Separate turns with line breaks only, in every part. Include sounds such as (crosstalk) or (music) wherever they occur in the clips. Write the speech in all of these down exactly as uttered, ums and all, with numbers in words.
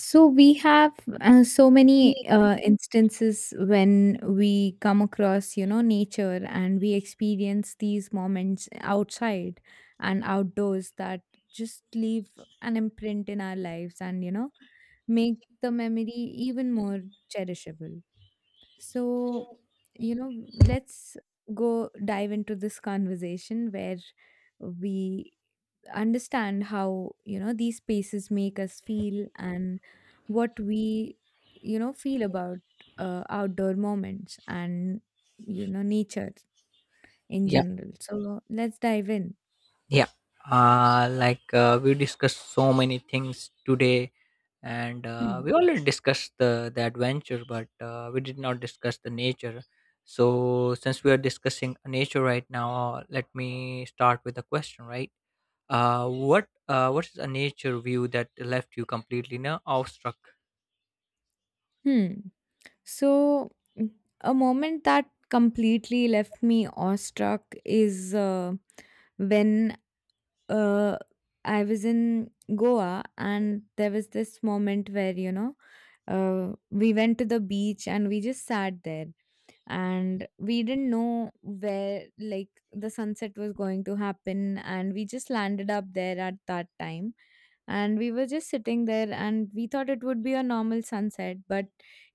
So we have uh, so many uh, instances when we come across, you know, nature and we experience these moments outside and outdoors that just leave an imprint in our lives and, you know, make the memory even more cherishable. So, you know, let's go dive into this conversation where we understand how you know these spaces make us feel and what we you know feel about uh, outdoor moments and you know nature in
Yeah,
general, so let's dive in.
yeah. Uh, like uh, we discussed so many things today, and uh,
hmm.
we already discussed the, the adventure, but uh, we did not discuss the nature. So, since we are discussing nature right now, let me start with a question. Right? Uh, what uh, what is a nature view that left you completely now awestruck?
Hmm. so mm, a moment that completely left me awestruck is uh, when uh, I was in Goa, and there was this moment where you know uh, we went to the beach and we just sat there, and we didn't know where like the sunset was going to happen, and we just landed up there at that time, and we were just sitting there and we thought it would be a normal sunset, but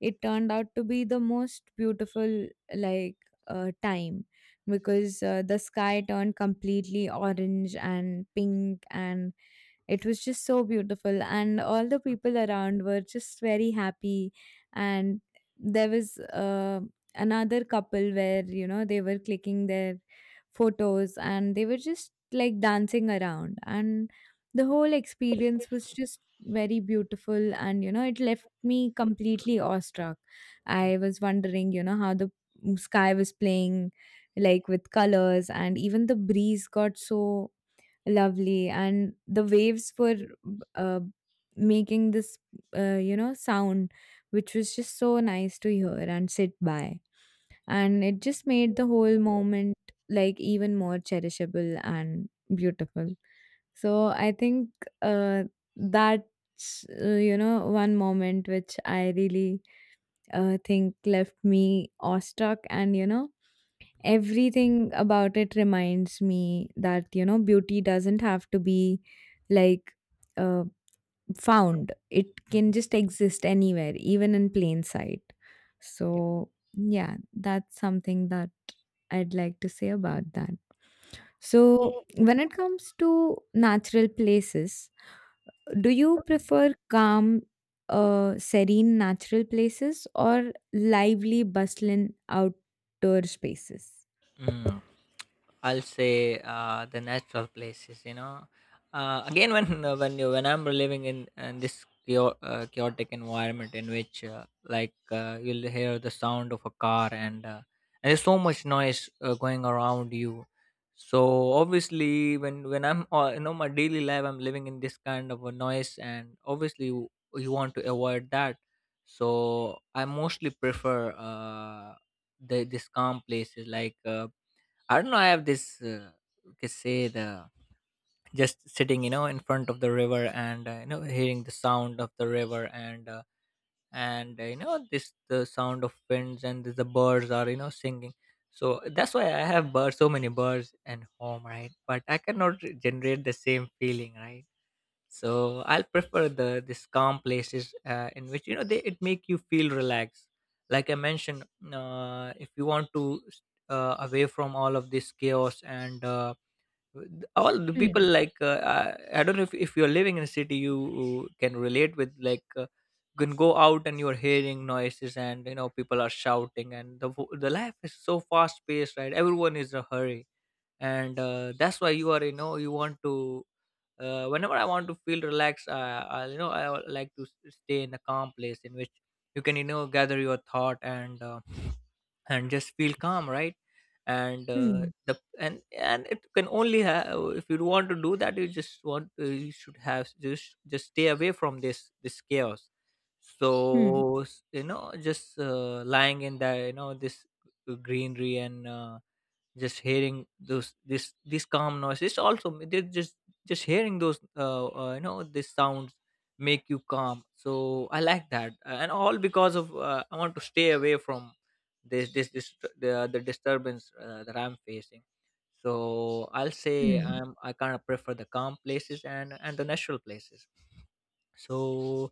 it turned out to be the most beautiful like uh, time because uh, the sky turned completely orange and pink, and it was just so beautiful, and all the people around were just very happy. And there was uh, another couple where, you know, they were clicking their photos and they were just like dancing around. And the whole experience was just very beautiful. And, you know, it left me completely awestruck. I was wondering, you know, how the sky was playing like with colors, and even the breeze got so lovely, and the waves were uh, making this uh, you know sound which was just so nice to hear and sit by, and it just made the whole moment like even more cherishable and beautiful. So I think uh, that's uh, you know one moment which I really uh, think left me awestruck. And you know
Yeah.
everything about it reminds me that you know beauty doesn't have to be like uh, found, it can
Mhm.
just exist anywhere, even in plain sight.
Yep.
So yeah, that's something that I'd like to say about that.
Wow.
So when it comes to natural places, do you prefer calm, uh, serene natural places or lively bustling outdoor spaces?
Mm. I'll say uh, the natural places. You know, uh, again, when (laughs) uh, when you when I'm living in, in this chao- uh, chaotic environment, in which uh, like uh, you'll hear the sound of a car, and, uh, and there's so much noise uh, going around you. So obviously, when when I'm, uh, you know, my daily life, I'm living in this kind of a noise, and obviously, you, you want to avoid that. So I mostly prefer uh, the, this calm places, like. Uh, I don't know. I have this, uh, you can say, the just sitting, you know, in front of the river, and uh, you know, hearing the sound of the river, and uh, and uh, you know, this the sound of winds, and the birds are, you know, singing. So that's why I have birds, so many birds and home, right? But I cannot re- generate the same feeling, right? So I'll prefer the this calm places, uh, in which, you know, they it make you feel relaxed. Like I mentioned, uh, if you want to, uh, away from all of this chaos and uh, all the people. Like uh, i I don't know, if, if you're living in a city, you you can relate with, like, uh, you can go out and you're hearing noises and, you know, people are shouting, and the vo- the life is so fast paced, right? Everyone is in a hurry, and uh, that's why you are, you know, you want to, uh, whenever I want to feel relaxed, uh, I, you know, I would like to s- stay in a calm place, in which you can, you know, gather your thought, and uh, and just feel calm, right? And uh,
hmm.
the and and it can only have, if you want to do that, you just want to, you should have, just just stay away from this this chaos.
Hmm.
So s- you know, just uh, lying in there, you know, this uh, greenery, and uh, just hearing those this these calm noises also, m- they just just hearing those, uh, uh you know, these sounds make you calm. So I like that, and all because of, uh, I want to stay away from this this this the, the disturbance uh, that I'm facing. So I'll say
Hmm.
i'm i kind of prefer the calm places and and the natural places. So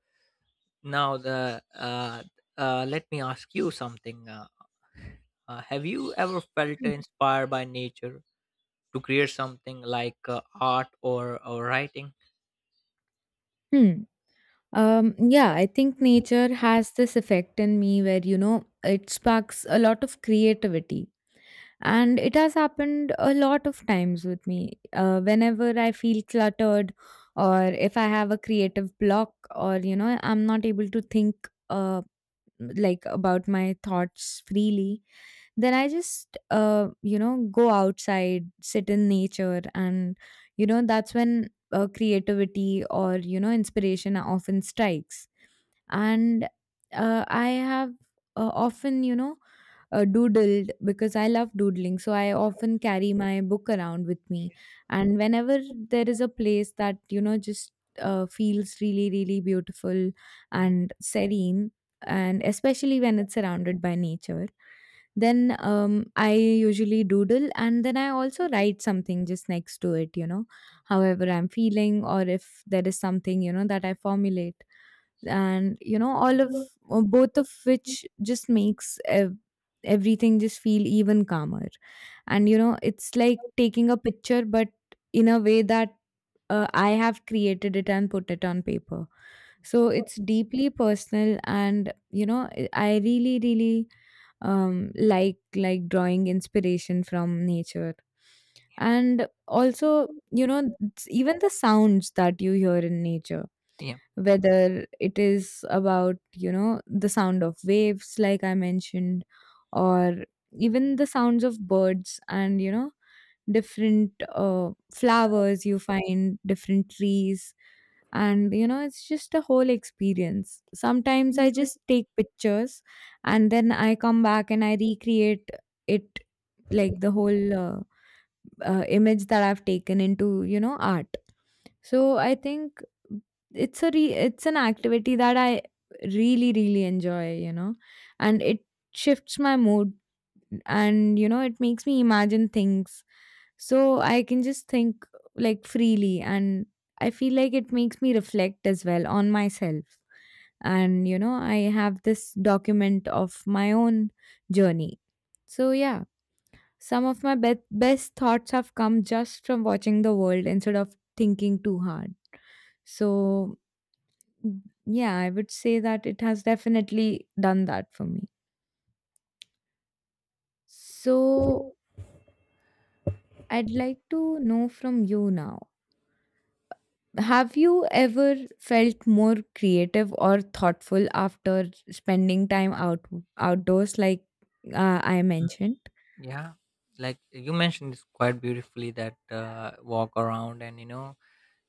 now the uh uh let me ask you something. Uh, uh have you ever felt
Hmm.
inspired by nature to create something, like uh, art or or writing?
Hmm. Um, yeah, I think nature has this effect in me where, you know, it sparks a lot of creativity. And it has happened a lot of times with me. Uh, whenever I feel cluttered, or if I have a creative block, or, you know, I'm not able to think uh, like about my thoughts freely, then I just uh, you know go outside, sit in nature, and you know that's when uh, creativity or you know inspiration often strikes. And uh, i have uh, often you know uh, doodled, because I love doodling, so I often carry my book around with me. And whenever there is a place that you know just uh, feels really really beautiful and serene, and especially when it's surrounded by nature, then um, I usually doodle, and then I also write something just next to it, you know, however I'm feeling, or if there is something, you know, that I formulate. And, you know, all of
Mm.
uh, both of which just makes ev- everything just feel even calmer. And, you know, it's like taking a picture, but in a way that uh, I have created it and put it on paper. So it's deeply personal, and you know, I I really, really um, like like drawing inspiration from nature. And also you know it's even the sounds that you hear in nature,
Yeah.
whether it is about you know the sound of waves like I mentioned, or even the sounds of birds, and you know different uh, flowers you find, different trees. And you know it's just a whole experience. Sometimes I
Mm.
just take pictures and then I come back and I recreate it, like the whole uh, uh, image that I've taken into you know art. So I think it's a re- it's an activity that I really really enjoy, you know. And it shifts my mood, and you know it makes me imagine things, so I can just think like freely. And I feel like it makes me reflect as well on myself. And you know, I have this document of my own journey. So yeah, some of my be- best thoughts have come just from watching the world instead of thinking too hard. So mm, yeah, I would say that it has definitely done that for me. So I'd like to know from you now, have you ever felt more creative or thoughtful after spending time out outdoors, like uh, I mentioned?
Yeah, like you mentioned it's quite beautifully that uh, walk around and, you know,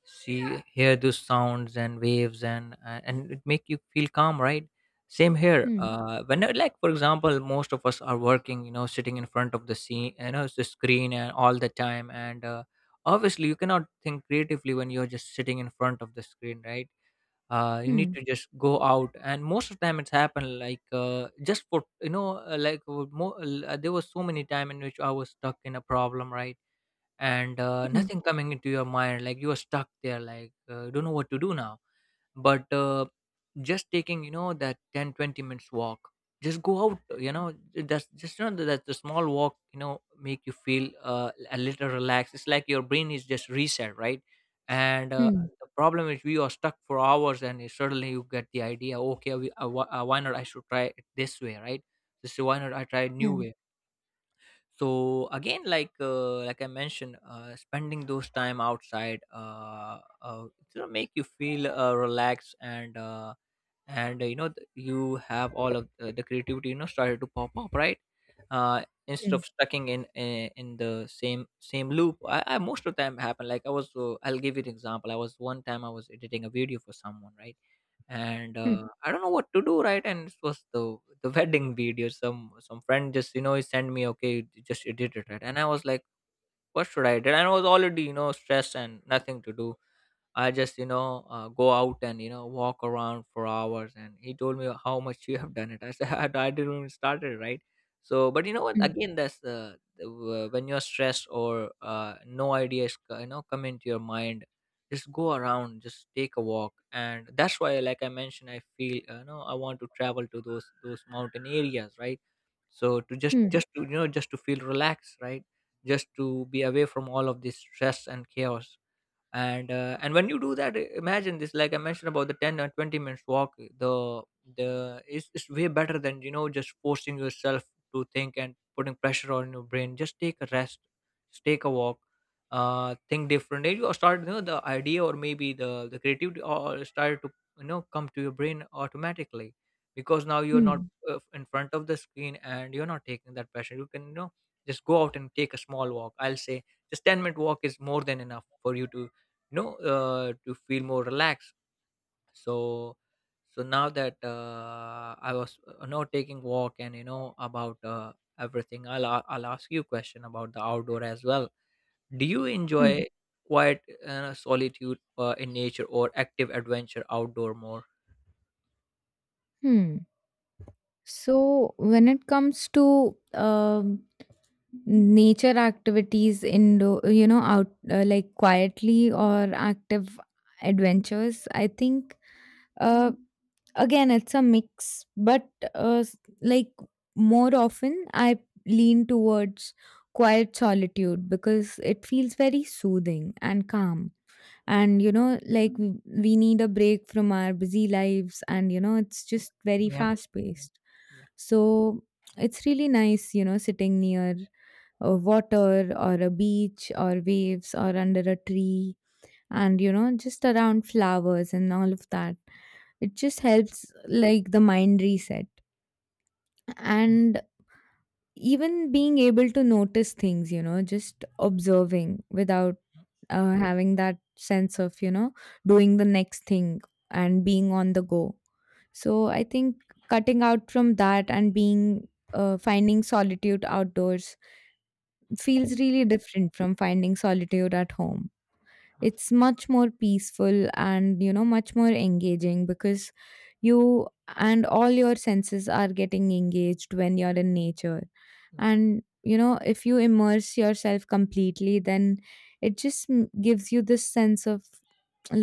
see hear those sounds and waves, and uh, and it make you feel calm, right? Same here,
Hmm.
uh when uh, like, for example, most of us are working, you know, sitting in front of the scene you know, the screen, and all the time, and uh, obviously you cannot think creatively when you're just sitting in front of the screen, right? Uh you need
Hmm.
to just go out. And most of the time it's happened, like, uh just for you know uh, like uh, mo- uh, there was so many time in which I was stuck in a problem, right? And uh,
Hmm.
nothing coming into your mind, like you are stuck there, like, uh, you don't know what to do now. But uh, just taking, you know, that ten twenty minutes walk, just go out, you know, that's just, you know, that the small walk, you know, make you feel uh, a little relaxed. It's like your brain is just reset, right? And uh,
Hmm.
the problem is we are stuck for hours, and it- suddenly you get the idea, okay, we, uh, wh- uh, why not I should try it this way, right? So, so why not I try a new
Yeah.
way? So again, like, uh, like I mentioned, uh, spending those time outside, uh, uh it's gonna make you feel uh, relaxed, and uh, and uh, you know, th- you have all of uh, the creativity, you know, started to pop up, right? Uh instead
Hmm.
of stucking in in, in the same same loop, I, I most of the time happen, like i was uh, I'll give you an example. I was one time, I was editing a video for someone, right? And
Hmm.
uh, I don't know what to do, right? And it was the the wedding video. Some some friend just, you know, he sent me, okay, just edit it, right? And I was like, what should I do? And I was already, you know, stressed and nothing to do. I just, you know, uh, go out and, you know, walk around for hours. And he told me how much you have done it. I said, (laughs) I didn't even start it, right? So, but you know what?
Hmm.
Again, that's, uh, the, w- when you're stressed, or uh, no ideas, co- you know, come into your mind, just go around, just take a walk. And that's why, like I mentioned, I feel, uh, you know, I want to travel to those, those mountain areas, right? So to just,
Hmm.
just to, you know, just to feel relaxed, right? Just to be away from all of this stress and chaos. And uh, and when you do that, i- imagine this, like I mentioned about the ten or twenty minutes walk. The the it's, it's way better than, you know, just forcing yourself to think and putting pressure on your brain. Just take a rest. Just take a walk. Uh think differently. You start, you know, the idea, or maybe the the creativity or started to, you know, come to your brain automatically. Because now you're not
Hmm.
uh, in front of the screen, and you're not taking that pressure. You can, you know, just go out and take a small walk. I'll say just ten minute walk is more than enough for you to, you know, uh, to feel more relaxed. So so now that, uh, I was uh, now taking walk and, you know, about uh, everything, I'll, a- I'll ask you a question about the outdoor as well. Do you
Hmm.
enjoy quiet uh, solitude uh, in nature, or active adventure outdoor more?
Hmm. So when it comes to um, nature activities indoor, you know, out uh, like quietly or active adventures, I think Uh, again, it's a mix, but uh, s- like more often, I lean towards quiet solitude because it feels very soothing and calm. And you know, like w- we need a break from our busy lives, and you know, it's just very
Yeah.
fast paced. So it's really nice, you know, sitting near a water or a beach or waves or under a tree, and you know, just around flowers and all of that. It just helps like the mind reset. And even being able to notice things, you know, just observing without uh, having that sense of, you know, doing the next thing and being on the go. So I think cutting out from that and being uh, finding solitude outdoors feels really different from finding solitude at home.
Mhm.
It's much more peaceful, and you know much more engaging, because you and all your senses are getting engaged when you're in nature.
Yeah.
And you know if you immerse yourself completely, then it just m- gives you this sense of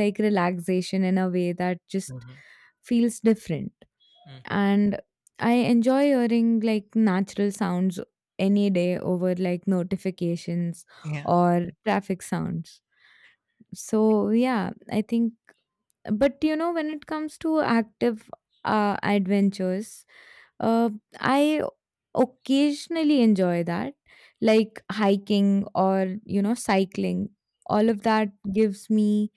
like relaxation in a way that just
Mhm.
feels different.
Mhm.
And I enjoy hearing like natural sounds any day over like notifications
Yeah.
or traffic sounds. So yeah, I think, but you know when it comes to active uh, adventures, uh, I occasionally enjoy that, like hiking or you know cycling. All of that gives me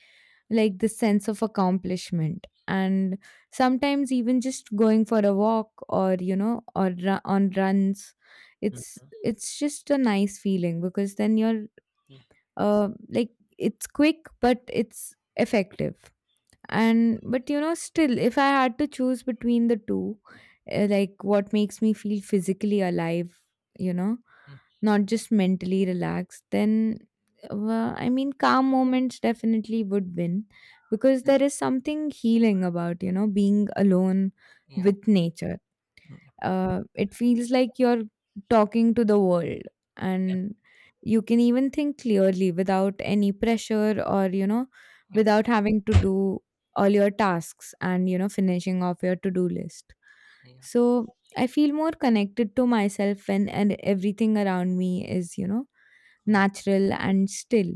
like this sense of accomplishment. And sometimes even just going for a walk, or you know or ru- on runs,
Mhm.
it's it's just a nice feeling because then you're uh, like it's quick but it's effective. And but you know still, if I had to choose between the two, uh, like what makes me feel physically alive, you know, not just mentally relaxed, then, well, I mean calm moments definitely would win, because there is something healing about you know being alone
Yeah.
with nature.
Mhm.
Uh, it feels like you're talking to the world,
Yeah,
and you can even think clearly without any pressure, or, you know,
yeah, yeah,
without having to do all your tasks and, you know, finishing off your to do list.
yeah,
So I feel more connected to myself when and everything around me is, you know,
yeah,
natural and still.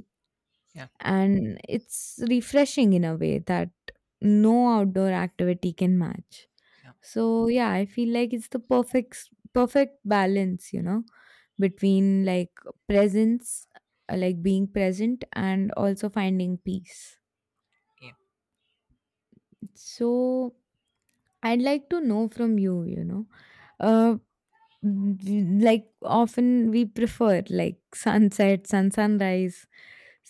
yeah,
And it's refreshing in a way that no outdoor activity can match. So yeah, I feel like it's the perfect s- perfect balance, you know, between like presence, uh, like being present and also finding peace.
yeah,
So I'd like to know from you, you know, uh, mm, like often we prefer like (laughs) sunset, sun sunrise.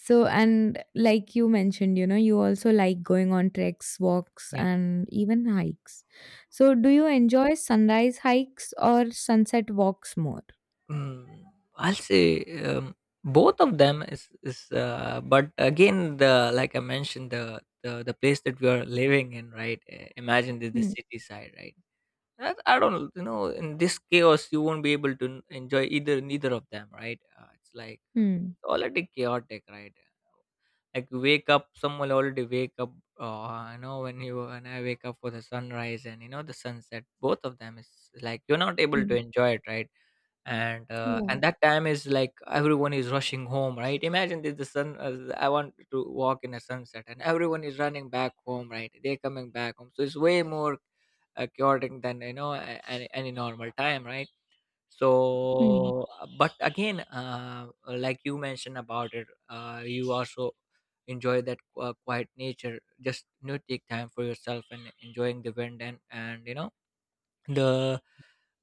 So, and like you mentioned, you know, you also like going on treks, walks,
yeah.
and even hikes. So, do you enjoy sunrise hikes or sunset walks more?
Mm, I'll say, um, both of them is is uh, but again, the like I mentioned, the, the the place that we are living in, right? Uh, imagine the, the
Hmm.
city side, right? I, I don't know, you know, in this chaos, you won't be able to n- enjoy either neither of them, right? Uh, it's like, uh,
Hmm.
already chaotic, right? Uh, Like you wake up, someone already wake up. Uh, I know when you and I wake up for the sunrise and, you know, the sunset. Both of them is, like, you're not able to
Hmm.
enjoy it, right? and uh,
Yeah.
and that time is like everyone is rushing home, right? Imagine this, the sun uh, I want to walk in a sunset, and everyone is running back home, right? They're coming back home. So it's way more uh, chaotic than, you know, a- any, any normal time, right?
Hmm.
So, uh, but again, uh, like you mentioned about it, uh, you also enjoy that uh, quiet nature, just, you know, take time for yourself and enjoying the wind, and and you know, the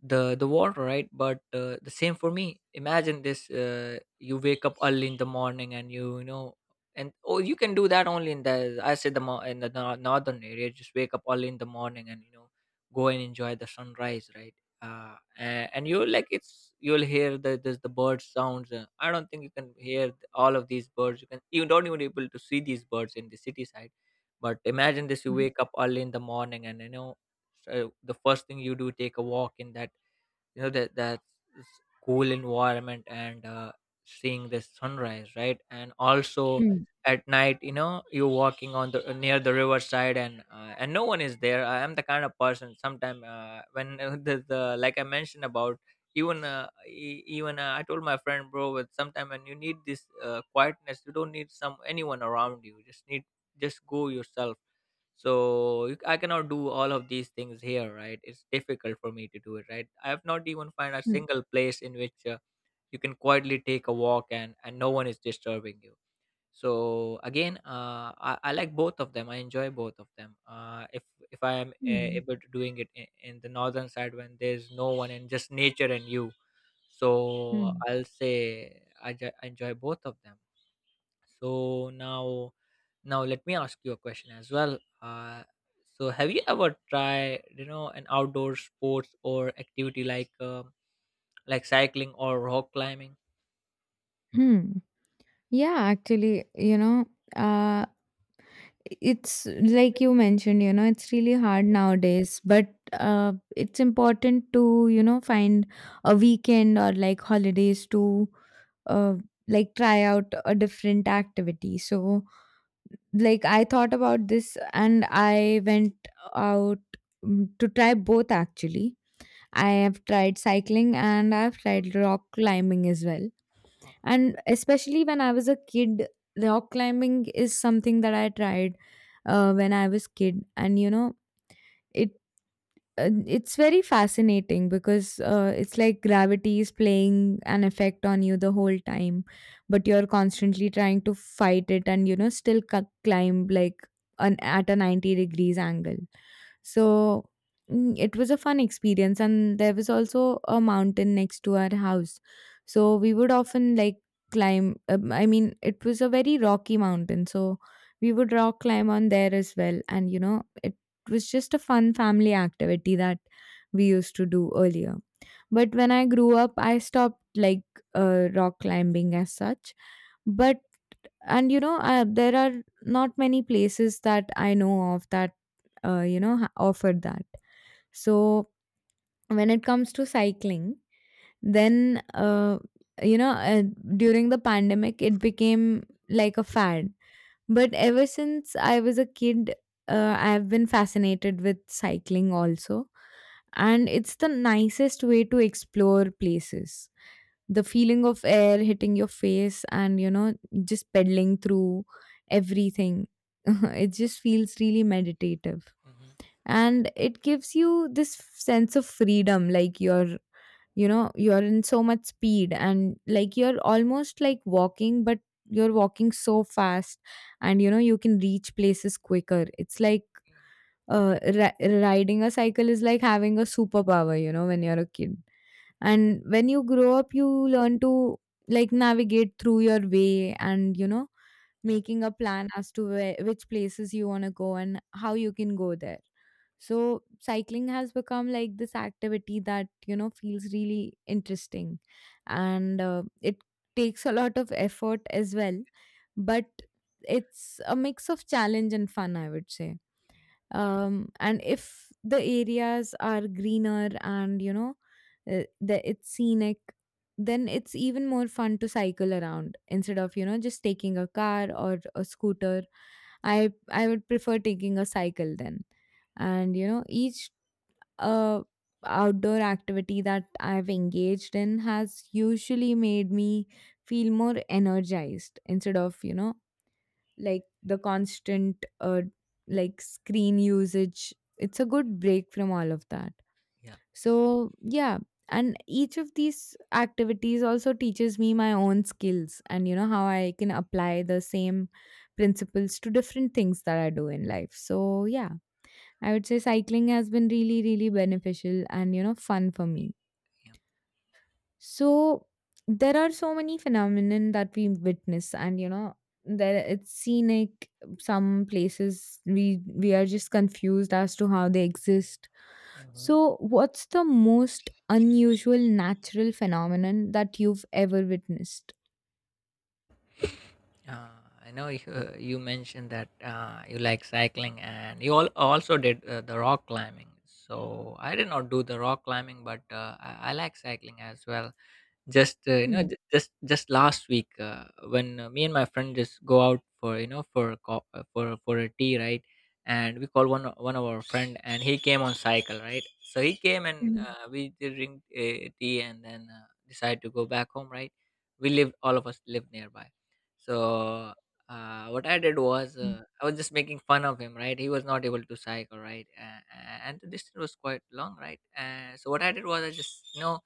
the the water, right? But uh, the same for me. Imagine this, uh, you wake up early in the morning, and you you know, and oh, you can do that only in the I said the mo- in the nor- northern area. Just wake up early in the morning and, you know, go and enjoy the sunrise, right? Uh, a- and you will like, it's you'll hear the the, the bird sounds. uh, I don't think you can hear th- all of these birds. You can you don't even able to see these birds in the city side. But imagine this, you
Hmm.
wake up early in the morning, and you know, so the first thing you do, take a walk in that, you know, that that s- cool environment, and uh, seeing the sunrise, right? And also,
Hmm.
at night, you know, you're walking on the near the riverside, and uh, and no one is there. I am the kind of person sometime, uh, when uh, (laughs) the, the like I mentioned about, even uh, e- even uh, I told my friend, bro, but sometime when you need this uh, quietness, you don't need some anyone around you. You just need just go yourself. So you- i cannot do all of these things here, right? It's difficult for me to do it, right? I have not even find a
Hmm.
single place in which uh, you can quietly take a walk and and no one is disturbing you. So again, uh, I, I like both of them. I enjoy both of them. uh, if if I am uh,
Hmm.
able to doing it in, in the northern side when there's no one and just nature and you. So
Hmm.
i'll say i, ju- I enjoy both of them. So now now let me ask you a question as well. Uh, so have you ever tried, you know, an outdoor sports or activity like um like cycling or rock climbing?
Hmm. Yeah, actually, you know, uh, it's like you mentioned, you know, it's really hard nowadays, but uh, it's important to, you know, find a weekend or like holidays to uh, like try out a different activity. So, like, I thought about this and I went out mm, to try both, actually. I have tried cycling and I've tried rock climbing as well, and especially when I was a kid, rock climbing is something that I tried uh, when I was kid. And you know it uh, it's very fascinating because uh, it's like gravity is playing an effect on you the whole time, but you're constantly trying to fight it, and you know still c- climb like an at a ninety degrees angle. So mm, it was a fun experience, and there was also a mountain next to our house, so we would often like climb. um, I mean it was a very rocky mountain, so we would rock climb on there as well, and you know it was just a fun family activity that we used to do earlier. But when I grew up, I stopped like uh, rock climbing as such. But and you know, uh, there are not many places that I know of that uh, you know ha- offer that. So when it comes to cycling, then uh, you know uh, during the pandemic it became like a fad. But ever since I was a kid, uh, I've been fascinated with cycling also. And it's the nicest way to explore places. The feeling of air hitting your face and, you know, just pedaling through everything. (laughs) It just feels really meditative,
Mm-hmm.
and it gives you this f- sense of freedom. Like you're you know you're in so much speed, and like you're almost like walking, but you're walking so fast, and you know you can reach places quicker. It's like uh, ri- riding a cycle is like having a superpower, you know, when you're a kid.
Mm-hmm.
And when you grow up, you learn to like navigate through your way, and you know,
Yeah,
making a plan as to where, which places you want to go and how you can go there. So cycling has become like this activity that, you know, feels really interesting, and uh, it takes a lot of effort as well. But it's a mix of challenge and fun, I would say. Um, and if the areas are greener, and you know uh, the, it's scenic, then it's even more fun to cycle around instead of, you know, just taking a car or a scooter. I i would prefer taking a cycle then. And you know, each uh, outdoor activity that I've engaged in has usually made me feel more energized instead of, you know, like the constant uh, like screen usage. It's a good break from all of that.
yeah,
So yeah. And each of these activities also teaches me my own skills and, you know, how I can apply the same principles to different things that I do in life. So yeah, I would say cycling has been really, really beneficial and, you know, fun for me.
yeah.
So there are so many phenomenon that we witness, and, you know, there it's scenic. Some places we we are just confused as to how they exist.
Hmm.
So, what's the most unusual natural phenomenon that you've ever witnessed?
Uh, I know you, uh, you mentioned that uh, you like cycling and you all also did uh, the rock climbing. So I did not do the rock climbing, but uh, I, I like cycling as well. Just uh, you know,
Hmm.
ju- just just last week uh, when uh, me and my friend just go out for, you know, for a co- uh, for for a tea, right? And we call one o- one of our friend, and he came on cycle, right? So he came and
Hmm.
uh, we did drink uh, tea, and then uh, decided to go back home, right? We lived all of us lived nearby, so uh, what I did was,
Hmm.
uh, I was just making fun of him, right? He was not able to cycle, right? Uh, and the distance was quite long, right? Uh, so what I did was, I just, you know,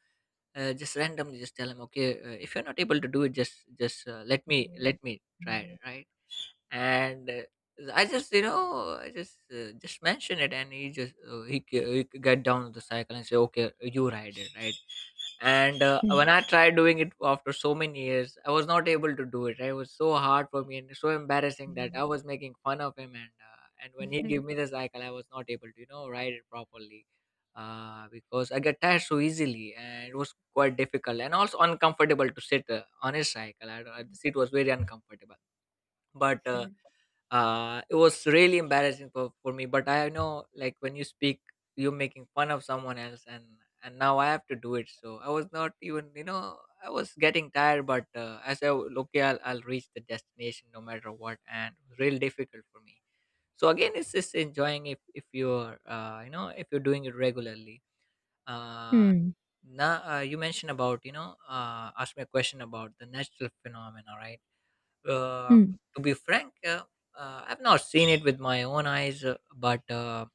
uh, just randomly just tell him, okay, uh, if you're not able to do it, just just uh, let me let me try it, right? And uh, i just, you know, i just uh, just mention it, and he just uh, he, g- he got down on the cycle and say, okay, you ride it, right? and uh,
Hmm.
when i tried doing it after so many years, I was not able to do it. It was so hard for me and so embarrassing that I was making fun of him. And uh, and when he gave me
(laughs)
the cycle, I was not able to, you know, ride it properly, uh, because I get tired so easily, and it was quite difficult and also uncomfortable to sit uh, on his cycle. I, don't- uh, the seat was very uncomfortable, but uh, uh, it was really embarrassing for, for me. But I know, like, when you speak, you're making fun of someone else, and and now I have to do it. So I was not even, you know, I was getting tired, but uh, i said, "Oh, okay, I'll, I'll reach the destination no matter what." And it was really difficult for me. So again, it's just enjoying if, if you're uh, you know, if you're doing it regularly. uh,
Hmm.
now uh, you mentioned about, you know, uh, asked me a question about the natural phenomena, right? uh,
Hmm.
to be frank, uh, uh, I've not seen it with my own eyes, uh, but uh,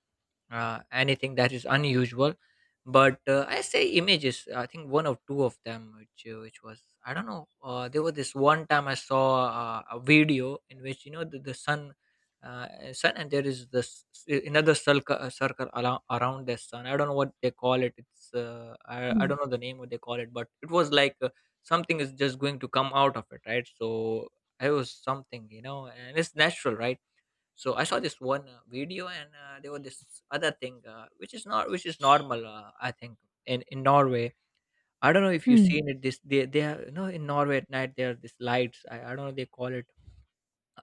uh, anything that is unusual. But uh, i say images, I think one or two of them, which uh, which was, I don't know, uh, there was this one time I saw uh, a video in which, you know, the, the sun, uh, uh, sun, and there is this s- another circle, uh, circle around, around the sun. I don't know what they call it. It's uh, I, I
Hmm.
don't know the name, what they call it, but it was like, uh, something is just going to come out of it, right? So it was something, you know, and it's natural, right? So I saw this one uh, video. And uh, there was this other thing, uh, which is not, which is normal, uh, I think in in norway. I don't know if you've
Hmm.
seen it. This they they are, you know, in norway at night there are these lights. I, I don't know, they call it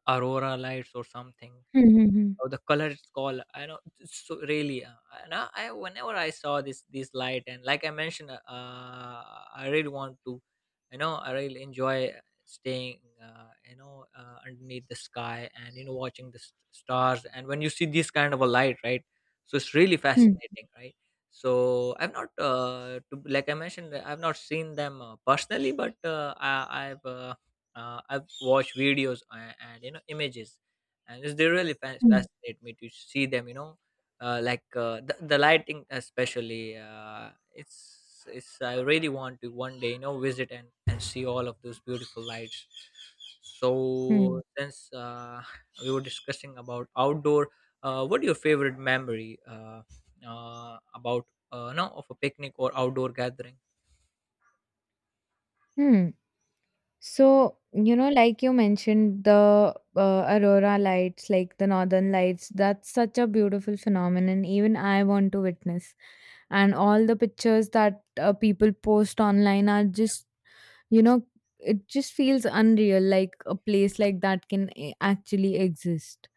aurora lights or something.
Hmm. Hmm.
Oh, the colored skull. I know. It's so really, uh, and I, I whenever I saw this this light, and like I mentioned, uh, uh, I really want to, you know, I really enjoy staying, uh, you know, uh, underneath the sky and, you know, watching the s- stars. And when you see this kind of a light, right? So it's really
Hmm.
fascinating, right? So I've not, uh, to, like I mentioned, I've not seen them uh, personally, but uh, I, I've uh, uh, I've watched videos and, and you know, images, and it's, they really fa-
Hmm.
fascinate me to see them, you know, uh, like uh, the, the lighting especially. Uh, it's it's i really want to one day, you know, visit and, and see all of those beautiful lights. So
Hmm.
since uh, (laughs) we were discussing about outdoor, uh, what your favorite memory, uh, uh, about, uh, no, of a picnic or outdoor gathering?
Hmm. So, you know, like you mentioned, the uh, aurora lights, like the northern lights, that's such a beautiful phenomenon. Even I want to witness. And all the pictures that uh, people post online are just, you know, it just feels unreal. Like a place like that can a- actually exist.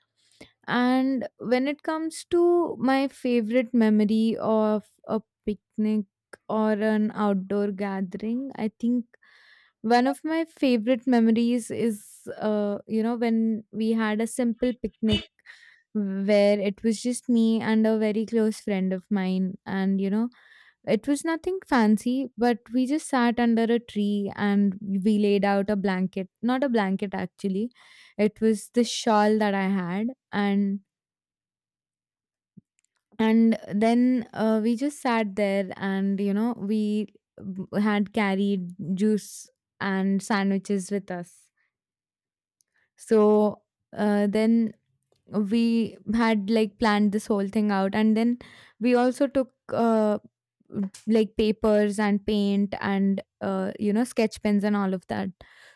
And when it comes to my favorite memory of a picnic or an outdoor gathering, I think one of my favorite memories is, uh, you know, when we had a simple picnic where it was just me and a very close friend of mine, and you know, it was nothing fancy, but we just sat under a tree, and we laid out a blanket. Not a blanket actually, it was the shawl that I had. and and then uh, we just sat there, and you know, we b- had carried juice and sandwiches with us. So uh, then we had like planned this whole thing out, and then we also took uh, like papers and paint and, uh, you know, sketch pens and all of that,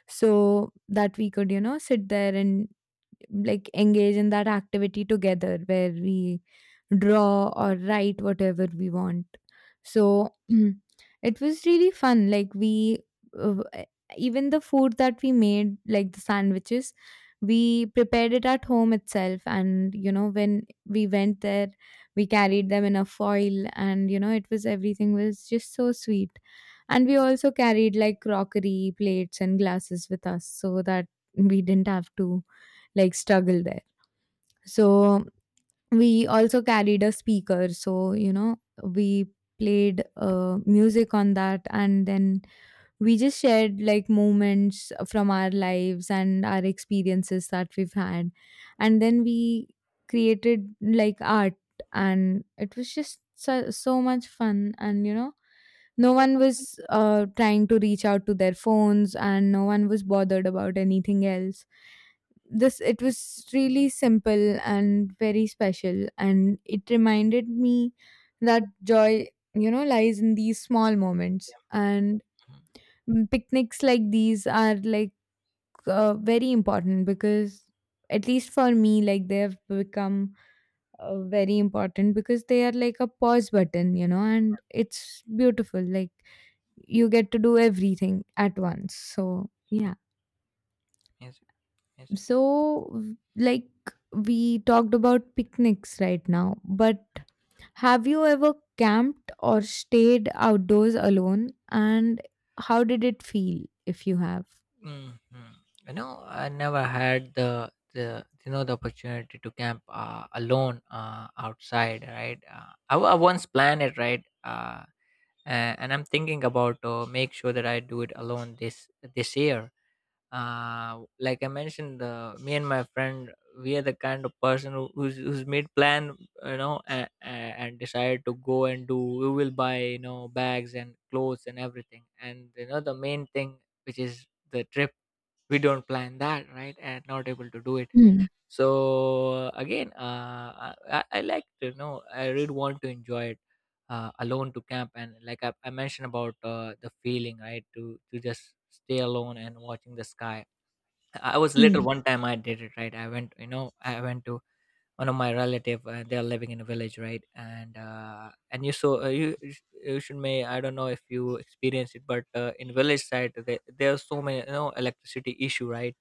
so that we could, you know, sit there and like engage in that activity together where we draw or write whatever we want. So (clears throat) it was really fun. Like we, uh, e, even the food that we made, like the sandwiches, we prepared it at home itself. And you know, when we went there, we carried them in a foil, and you know, it was, everything was just so sweet. And we also carried like crockery, plates, and glasses with us, so that we didn't have to like struggle there. So we also carried a speaker, so you know, we played uh, music on that, and then we just shared like moments from our lives and our experiences that we've had. And then we created like art, and it was just so, so much fun. And you know, no one was uh, trying to reach out to their phones, and no one was bothered about anything else. This, it was really simple and very special, and it reminded me that joy, you know, lies in these small moments. And
Mhm.
mm, picnics like these are like uh, very important because, at least for me, like they have become uh, very important because they are like a pause button, you know, and it's beautiful. Like you get to do everything at once. So,
Mm,
yeah.
yes, yes.
So, w- like, we talked about picnics right now, but have you ever camped or stayed outdoors alone? And how did it feel if you have?
Mhm. You know, I never had the the you know the opportunity to camp uh, alone uh, outside, right? Uh, I, wa- I once planned it, right? Uh, a- and I'm thinking about to make sure that I do it alone this this year. Uh, like I mentioned, the me and my friend, we are the kind of person who, who's who's made plan, you know, and, and decided to go and do. We will buy, you know, bags and clothes and everything. And you know, the main thing, which is the trip, we don't plan that, right? And not able to do it.
Hmm.
So again, uh, I, I like to know, I really want to enjoy it, uh, alone to camp. And like i, I mentioned about uh, the feeling, right, to to just stay alone and watching the sky. I was little,
Hmm.
one time I did it, right? I went, you know, I went to one of my relative. Uh, they are living in a village, right? And uh, and you saw uh, you you sh- you should may, I don't know if you experience it, but uh, in village side there, there are so many, you know, electricity issue, right?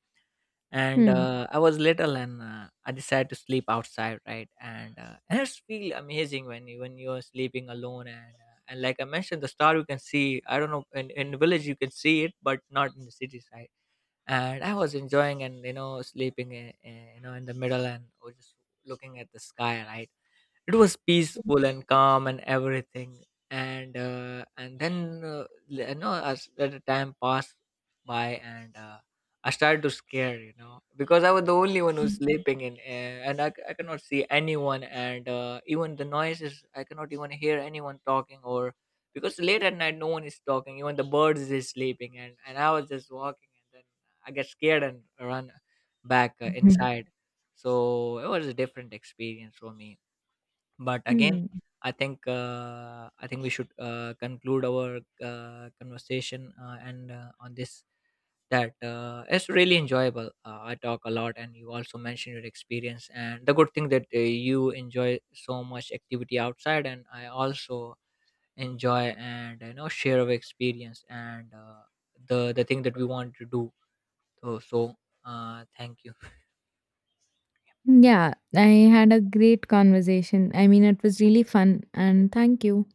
and
Hmm.
uh, i was little, and uh, i decided to sleep outside, right? And, uh, and it's feel amazing when you when you're sleeping alone. And uh, and like I mentioned, the star you can see, I don't know, in, in the village you can see it but not in the city side. And I was enjoying and, you know, sleeping in, you know, in the middle, and was just looking at the sky, right? It was peaceful and calm and everything. And uh, and then uh, you know, as let the time passed by. And uh, i started to scare, you know, because I was the only one who's sleeping in, uh, and I, c- I cannot see anyone, and uh, even the noises I cannot even hear anyone talking, or because late at night no one is talking, even the birds is sleeping. And, and i was just walking and then I get scared and run back uh,
Hmm.
inside. So it was a different experience for me, but again,
Hmm.
I think uh, I think we should uh, conclude our uh, conversation uh, and uh, on this, that uh, it's really enjoyable. Uh, I talk a lot, and you also mentioned your experience. And the good thing that uh, you enjoy so much activity outside, and I also enjoy and, you know, share of experience. And uh, the the thing that we want to do. So so uh, thank you.
Yeah, I had a great conversation. I mean, it was really fun, and thank you.